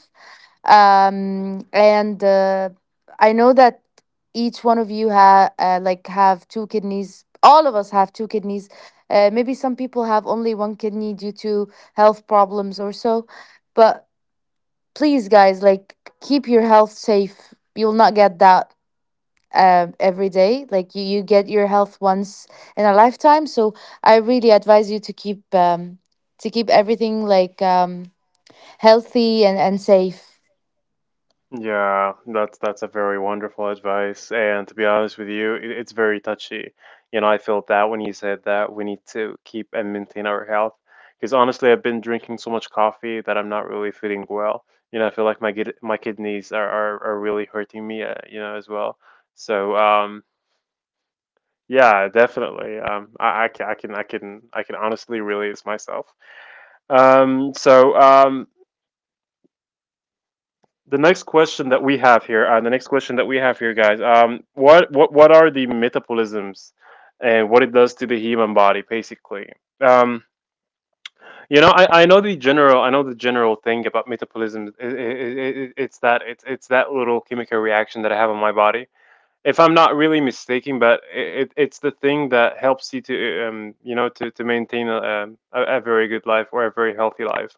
[SPEAKER 2] um And uh, I know that each one of you have uh, like have two kidneys, all of us have two kidneys. Uh, maybe some people have only one kidney due to health problems or so. But please, guys, like keep your health safe. You'll not get that uh, every day. Like you, you get your health once in a lifetime. So I really advise you to keep um to keep everything like um healthy and and safe.
[SPEAKER 1] Yeah, that's that's a very wonderful advice. And to be honest with you, it, it's very touchy. You know, I felt that when you said that we need to keep and maintain our health. Because honestly, I've been drinking so much coffee that I'm not really feeling well. You know, I feel like my kid, my kidneys are, are, are really hurting me. Uh, you know, as well. So um, yeah, definitely. Um, I, I can I can I can I can honestly release myself. Um, so um, the next question that we have here, uh, the next question that we have here, guys, um, what what what are the metabolisms and what it does to the human body, basically? Um, you know, I, I know the general I know the general thing about metabolism. I I I It's that it's it's that little chemical reaction that I have on my body if I'm not really mistaken, but it, it's the thing that helps you to um, you know to to maintain a, um, a, a very good life or a very healthy life.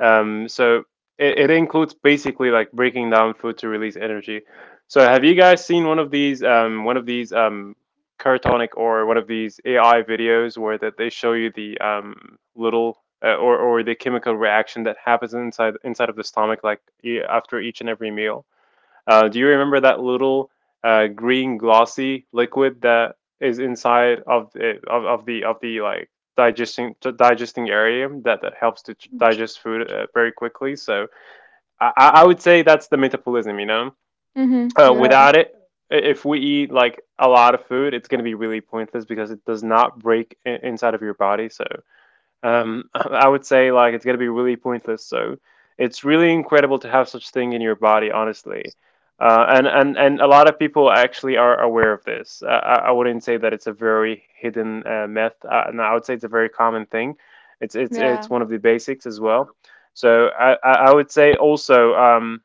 [SPEAKER 1] Um, so it, it includes basically like breaking down food to release energy. So have you guys seen one of these um, one of these um, Cartonic or one of these A I videos where that they show you the um, little uh, or or the chemical reaction that happens inside inside of the stomach like e- after each and every meal? Uh, do you remember that little uh, green glossy liquid that is inside of it, of of the of the like digesting the digesting area that that helps to ch- digest food uh, very quickly? So I I would say that's the metabolism. You know,
[SPEAKER 2] Mm-hmm.
[SPEAKER 1] uh, without it. If we eat like a lot of food, it's going to be really pointless because it does not break i- inside of your body. So um, I would say like it's gonna be really pointless. So it's really incredible to have such thing in your body, honestly. Uh, and, and and A lot of people actually are aware of this. Uh, I, I wouldn't say that it's a very hidden uh, myth, uh, and I would say it's a very common thing. It's it's
[SPEAKER 2] Yeah.
[SPEAKER 1] it's one of the basics as well. So I, I I would say also. Um,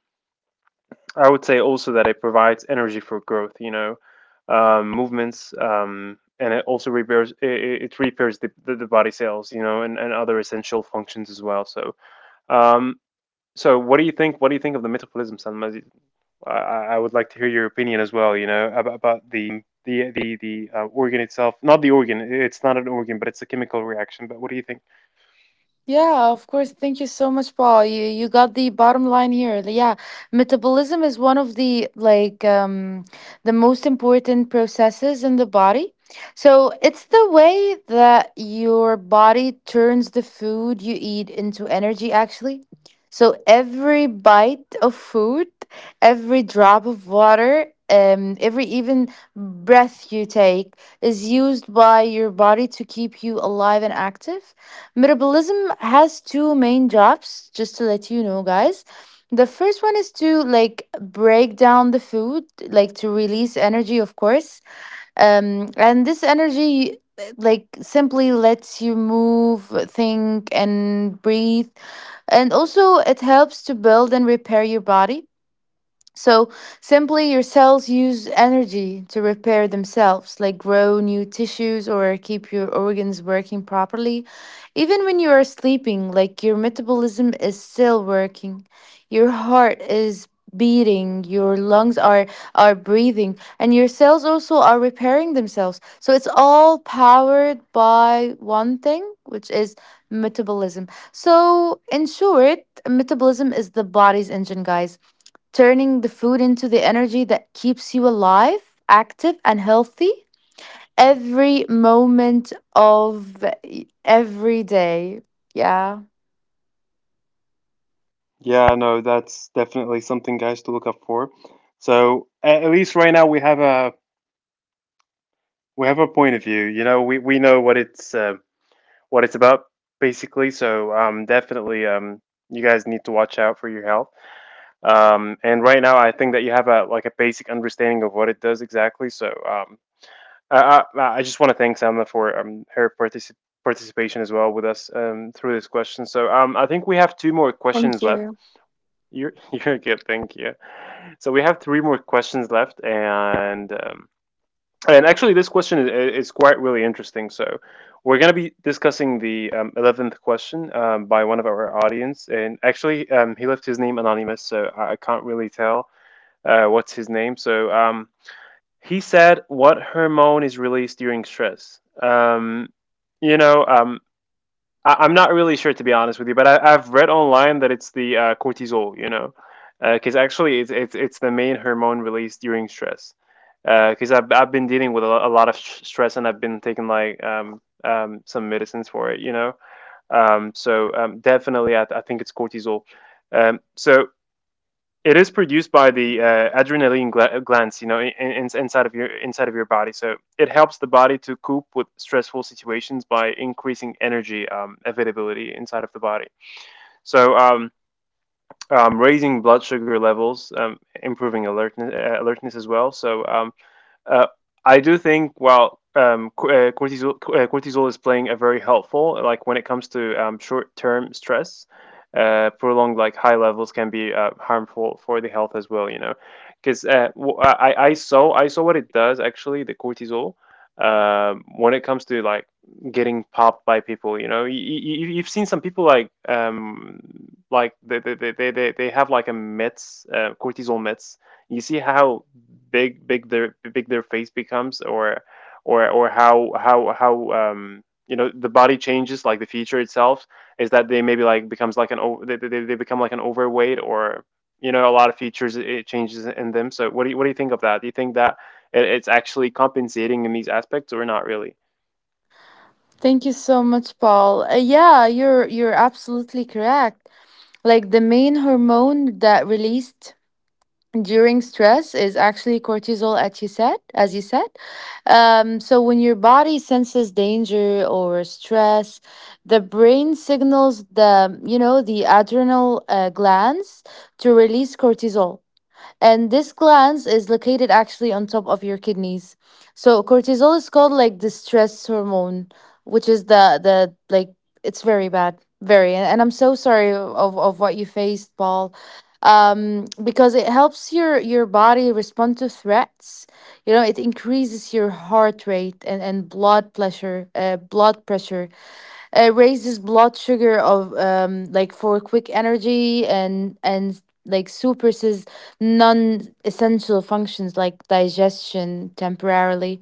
[SPEAKER 1] I would say also that it provides energy for growth, you know, um, movements, um, and it also repairs it, it repairs the, the, the body cells, you know, and, and other essential functions as well. So, um, so what do you think? What do you think of the metabolism, Salma? I, I I would like to hear your opinion as well, you know, about, about the the the the uh, organ itself. Not the organ; it's not an organ, but it's a chemical reaction. But what do you think?
[SPEAKER 2] Yeah, of course. Thank you so much, Paul. You you got the bottom line here. Yeah. Metabolism is one of the like um the most important processes in the body. So it's the way that your body turns the food you eat into energy, actually. So every bite of food, every drop of water, um, every even breath you take is used by your body to keep you alive and active. Metabolism has two main jobs, just to let you know, guys. The first one is to like break down the food, like to release energy, of course. Um, and this energy, uh, like simply lets you move, think, and breathe. And also, it helps to build and repair your body. So simply, your cells use energy to repair themselves, like grow new tissues or keep your organs working properly. Even when you are sleeping, like your metabolism is still working, your heart is beating, your lungs are are breathing, and your cells also are repairing themselves. So it's all powered by one thing, which is metabolism. So in short, metabolism is the body's engine, guys, turning the food into the energy that keeps you alive, active, and healthy every moment of every day. Yeah.
[SPEAKER 1] Yeah, no, that's definitely something guys to look up for. So a- at least right now we have a we have a point of view. You know, we we know what it's uh, what it's about basically. So um, definitely, um, you guys need to watch out for your health. Um, and right now, I think that you have a like a basic understanding of what it does exactly. So um, I, I I just want to thank Selma for um, her particip participation as well with us um, through this question. So um, I think we have two more
[SPEAKER 2] Thank
[SPEAKER 1] questions left.
[SPEAKER 2] you.
[SPEAKER 1] You're you're good, thank you. So we have three more questions left, and um, and actually, this question is, is quite really interesting. So, we're going to be discussing the um, eleventh question um, by one of our audience. And actually, um, he left his name anonymous, so I I can't really tell uh, what's his name. So, um, he said, what hormone is released during stress? Um, you know, um, I, I'm not really sure to be honest with you, but I, I've read online that it's the uh, cortisol, you know, because actually it's, it's it's the main hormone released during stress. Because I've I've been dealing with a lot, a lot of sh- stress and I've been taking like um, um, some medicines for it, you know. Um, so um, definitely, I, I think it's cortisol. Um, so it is produced by the uh, adrenaline gla- glands, you know, in, in, inside of your inside of your body. So it helps the body to cope with stressful situations by increasing energy um, availability inside of the body. So um, um, Raising blood sugar levels, um, improving alertness, uh, alertness as well. So um, uh, I do think well, um, uh, cortisol uh, cortisol is playing a very helpful like when it comes to um, short-term stress, uh, prolonged like high levels can be uh, harmful for the health as well. You know, because uh, w- I I- I saw I saw what it does actually the cortisol um, when it comes to like getting popped by people. You know, you, you, you've seen some people like um like they they they they, they they have like a meds uh, cortisol meds you see how big big their big their face becomes or or or how how how um you know the body changes like the feature itself is that they maybe like becomes like an over they, they, they become like an overweight or you know a lot of features it it changes in them. So what do you what do you think of that? Do you think that it, it's actually compensating in these aspects or not really?
[SPEAKER 2] Thank you so much, Paul. Uh, yeah, you're you're absolutely correct. Like the main hormone that released during stress is actually cortisol, as you said as you said um, so when your body senses danger or stress, the brain signals the, you know, the adrenal uh, glands to release cortisol. And this gland is located actually on top of your kidneys. So cortisol is called like the stress hormone, which is the the like it's very bad. Very, and, and I'm so sorry of, of what you faced, Paul. Um, because it helps your your body respond to threats. You know, it increases your heart rate and, and blood pressure, uh, blood pressure, uh, raises blood sugar of, um, like for quick energy, and and like suppresses non-essential functions like digestion temporarily.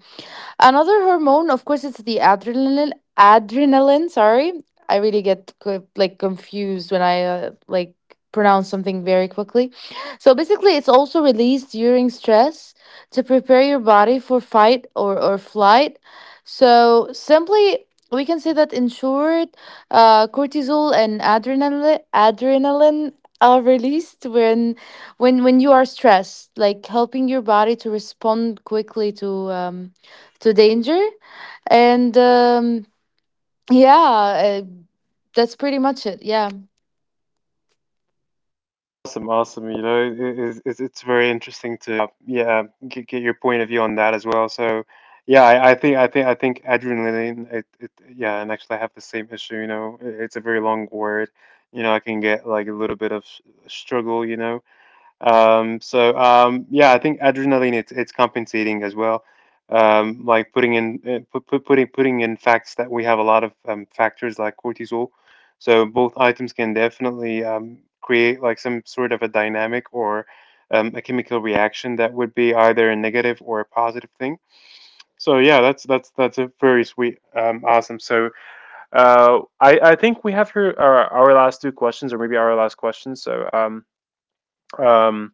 [SPEAKER 2] Another hormone, of course, it's the adrenaline. Adrenaline, sorry, I really get co- like confused when I uh, like pronounce something very quickly. So basically, it's also released during stress to prepare your body for fight or or flight. So simply. We can say that in short, uh, cortisol and adrenaline adrenaline are released when when when you are stressed, like helping your body to respond quickly to um, to danger. And um, yeah, uh, that's pretty much it. Yeah.
[SPEAKER 1] Awesome, awesome. You know, it, it, it's it's very interesting to uh, yeah, get, get your point of view on that as well. So, yeah, I, I think I think I think adrenaline. It, it Yeah, and actually I have the same issue. You know, it, it's a very long word. You know, I can get like a little bit of s- struggle. You know, um, so um, yeah, I think adrenaline it's it's compensating as well. Um, like putting in uh, put, put, putting putting in facts that we have a lot of um, factors like cortisol. So both items can definitely um, create like some sort of a dynamic or um, a chemical reaction that would be either a negative or a positive thing. So yeah, that's that's that's a very sweet, um, awesome. So uh, I I think we have here our, our last two questions or maybe our last question. So um, um,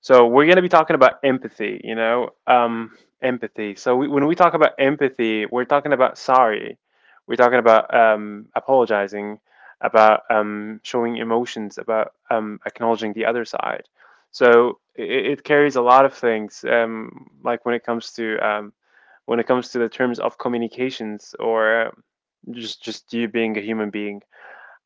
[SPEAKER 1] so we're going to be talking about empathy, you know, um, empathy. So we, when we talk about empathy, we're talking about sorry, we're talking about um, apologizing, about um, showing emotions, about um, acknowledging the other side. So it, it carries a lot of things, um, like when it comes to um, when it comes to the terms of communications or uh, just just you being a human being.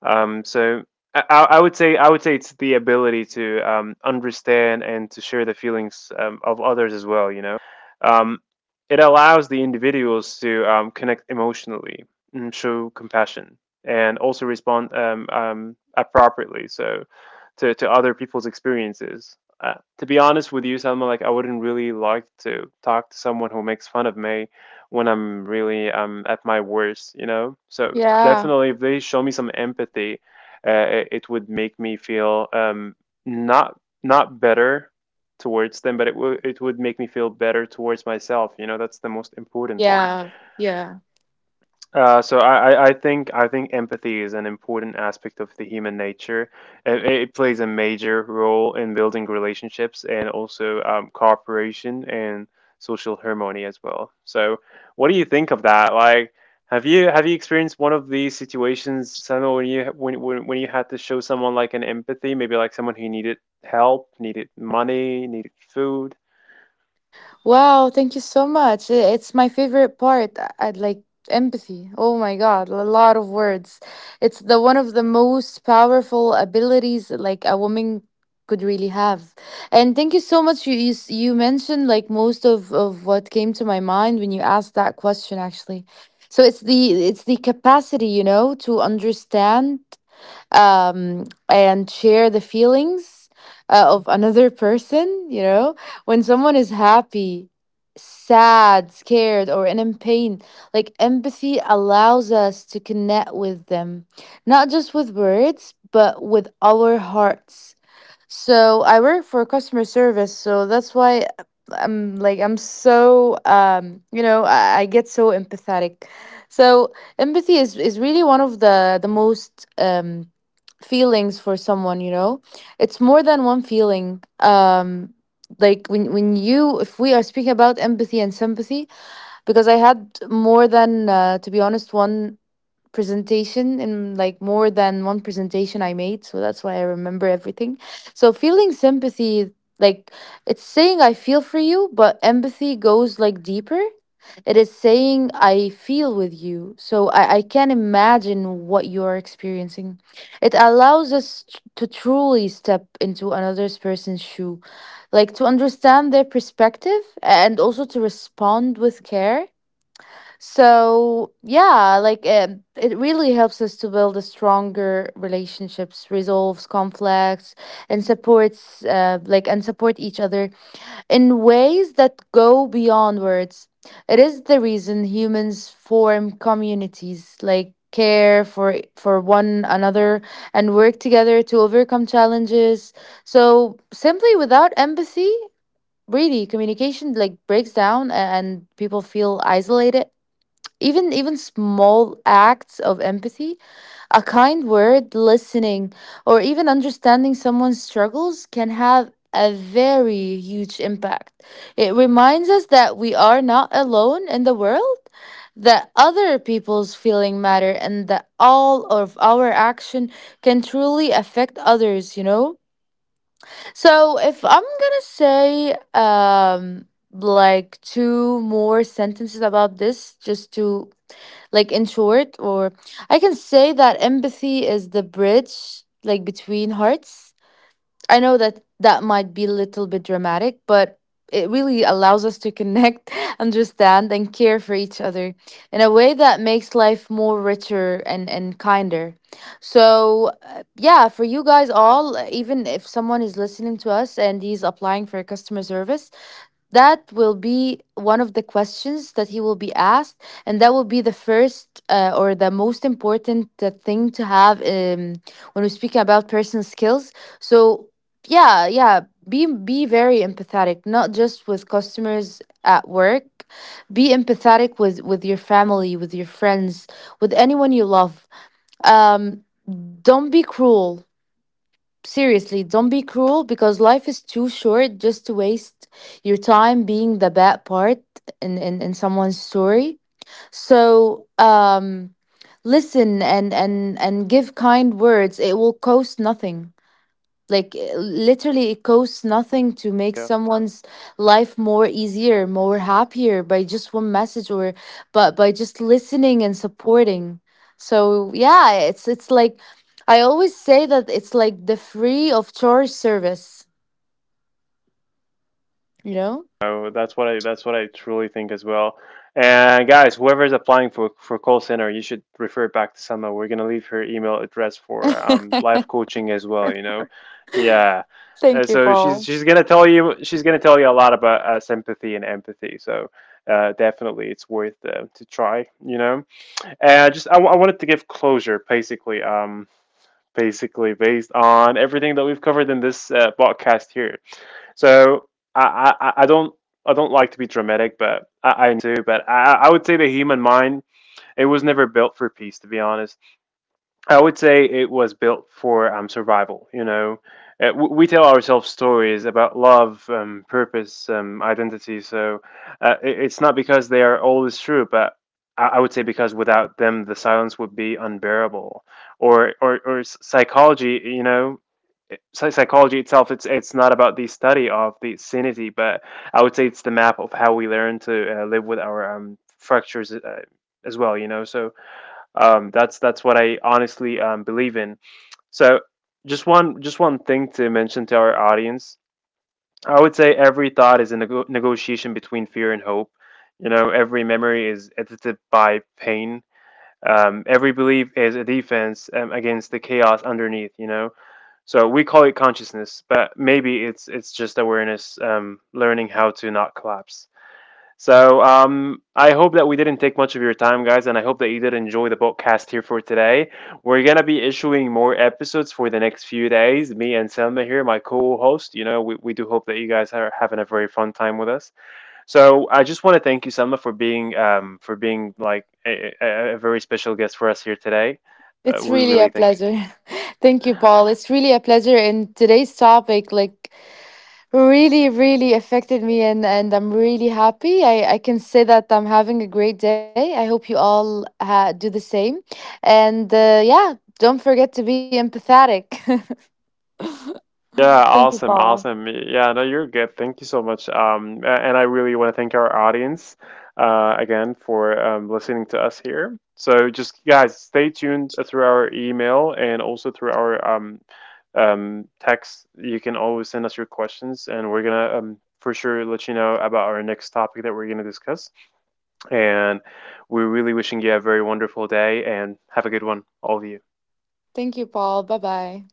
[SPEAKER 1] Um, so I, I would say I would say it's the ability to um, understand and to share the feelings um, of others as well. You know, um, it allows the individuals to um, connect emotionally and show compassion and also respond um, um, appropriately. So to to other people's experiences. Uh, to be honest with you, Salma, like I wouldn't really like to talk to someone who makes fun of me when I'm really um, at my worst, you know? So
[SPEAKER 2] Yeah.
[SPEAKER 1] definitely, if they show me some empathy, uh, it, it would make me feel um, not not better towards them, but it would it would make me feel better towards myself. You know, that's the most important thing.
[SPEAKER 2] Yeah. Yeah.
[SPEAKER 1] Uh, so I, I I think I think Empathy is an important aspect of the human nature. It, it plays a major role in building relationships and also um, cooperation and social harmony as well. So what do you think of that? Like, have you have you experienced one of these situations, Samuel, when you when when, when you had to show someone like an empathy, maybe like someone who needed help, needed money, needed food?
[SPEAKER 2] Wow, thank you so much. I- It's my favorite part. uh, I I'd like empathy. Oh my God, a lot of words. It's the one of the most powerful abilities like a woman could really have. And thank you so much. You you, s- you mentioned like most of of what came to my mind when you asked that question actually. So it's the it's the capacity, you know, to understand um, and share the feelings uh, of another person. You know, when someone is happy, sad, scared, or in pain, like empathy allows us to connect with them, not just with words, but with our hearts. So I work for customer service, so that's why uh, I'm like I'm so um, you know, I, I get so empathetic. So empathy is is really one of the the most um feelings for someone, you know. It's more than one feeling. Um, like when when you, if we are speaking about empathy and sympathy, because I had more than uh, to be honest, one presentation, and like more than one presentation I made. So that's why I remember everything. So feeling sympathy, like it's saying I feel for you, but empathy goes like deeper. It is saying I feel with you. So I, I can imagine what you're experiencing. It allows us t- to truly step into another person's shoe, like to understand their perspective, and also to respond with care. So, yeah, like um, it really helps us to build a stronger relationships, resolves conflicts, and supports uh, like and support each other in ways that go beyond words. It is the reason humans form communities, like care for for one another, and work together to overcome challenges. So, simply without empathy, really communication like breaks down, a- and people feel isolated. Even even small acts of empathy, a kind word, listening, or even understanding someone's struggles, can have a very huge impact. It reminds us that we are not alone in the world, that other people's feeling matter, and that all of our action can truly affect others, you know. So if I'm gonna say um, like two more sentences about this, just to like in short, or I can say that empathy is the bridge like between hearts. I know that that might be a little bit dramatic, but it really allows us to connect, understand, and care for each other in a way that makes life more richer and, and kinder. So, uh, yeah, for you guys all, uh, even if someone is listening to us and he's applying for customer service, that will be one of the questions that he will be asked, and that will be the first uh, or the most important uh, thing to have um, when we're speaking about personal skills. So yeah, yeah, be be very empathetic, not just with customers at work. Be empathetic with with your family, with your friends, with anyone you love. Um, don't be cruel. Seriously, don't be cruel, because life is too short just to waste your time being the bad part in in, in someone's story. So um, listen, and and and give kind words. It will cost nothing. Like uh, literally it costs nothing to make someone's life more easier, more happier, by just one message, or but by just listening and supporting. So yeah, it's it's like I always say that it's like the free of charge service, you know.
[SPEAKER 1] So that's what I that's what I truly think as well. And guys, whoever is applying for for call center, you should refer back to Selma. We're gonna leave her email address for um life coaching as well. You know, yeah. Uh,
[SPEAKER 2] Thank you,
[SPEAKER 1] so she's
[SPEAKER 2] Paul.
[SPEAKER 1] she's gonna tell you she's gonna tell you a lot about uh, sympathy and empathy. So uh, definitely, it's worth uh, to try. You know, and just I, w- I wanted to give closure basically. Um, basically based on everything that we've covered in this uh, podcast here. So I, I, I don't I don't like to be dramatic, but I, I do. But I, I would say the human mind it was never built for peace, to be honest. I would say it was built for um, survival. You know, uh, w- we tell ourselves stories about love, um, purpose, um, identity. So uh, it- it's not because they are always true, but I-, I would say because without them, the silence would be unbearable. Or or or s- psychology. You know, psy- psychology itself it's it's not about the study of the sanity but I would say it's the map of how we learn to uh, live with our um, fractures uh, as well, you know. So um, that's that's what I honestly um, believe in. So just one just one thing to mention to our audience. I would say every thought is a nego- negotiation between fear and hope. You know, every memory is edited by pain. Um, every belief is a defense um, against the chaos underneath. You know, so we call it consciousness, but maybe it's it's just awareness, um, learning how to not collapse. So um, I hope that we didn't take much of your time, guys, and I hope that you did enjoy the podcast here for today. We're gonna be issuing more episodes for the next few days. Me and Selma here, my co-host. You know, we, we do hope that you guys are having a very fun time with us. So I just want to thank you, Selma, for being um, for being like a, a, a very special guest for us here today. Uh,
[SPEAKER 2] It's
[SPEAKER 1] we
[SPEAKER 2] really a
[SPEAKER 1] really thank you.
[SPEAKER 2] pleasure. Thank you, Paul. It's really a pleasure. And today's topic, like really really affected me, and and I'm really happy. i i can say that I'm having a great day. I hope you all ha- do the same. And uh, yeah, don't forget to be empathetic.
[SPEAKER 1] Yeah,
[SPEAKER 2] Thank you,
[SPEAKER 1] awesome,
[SPEAKER 2] Paul.
[SPEAKER 1] awesome. Yeah, no, you're good. Thank you so much. Um, a- and I really want to thank our audience uh, again for um, listening to us here. So just guys, stay tuned uh, through our email and also through our um, um, text. You can always send us your questions, and we're gonna um, for sure let you know about our next topic that we're gonna discuss. And we're really wishing you a very wonderful day and have a good one, all of you.
[SPEAKER 2] Thank you, Paul, bye bye.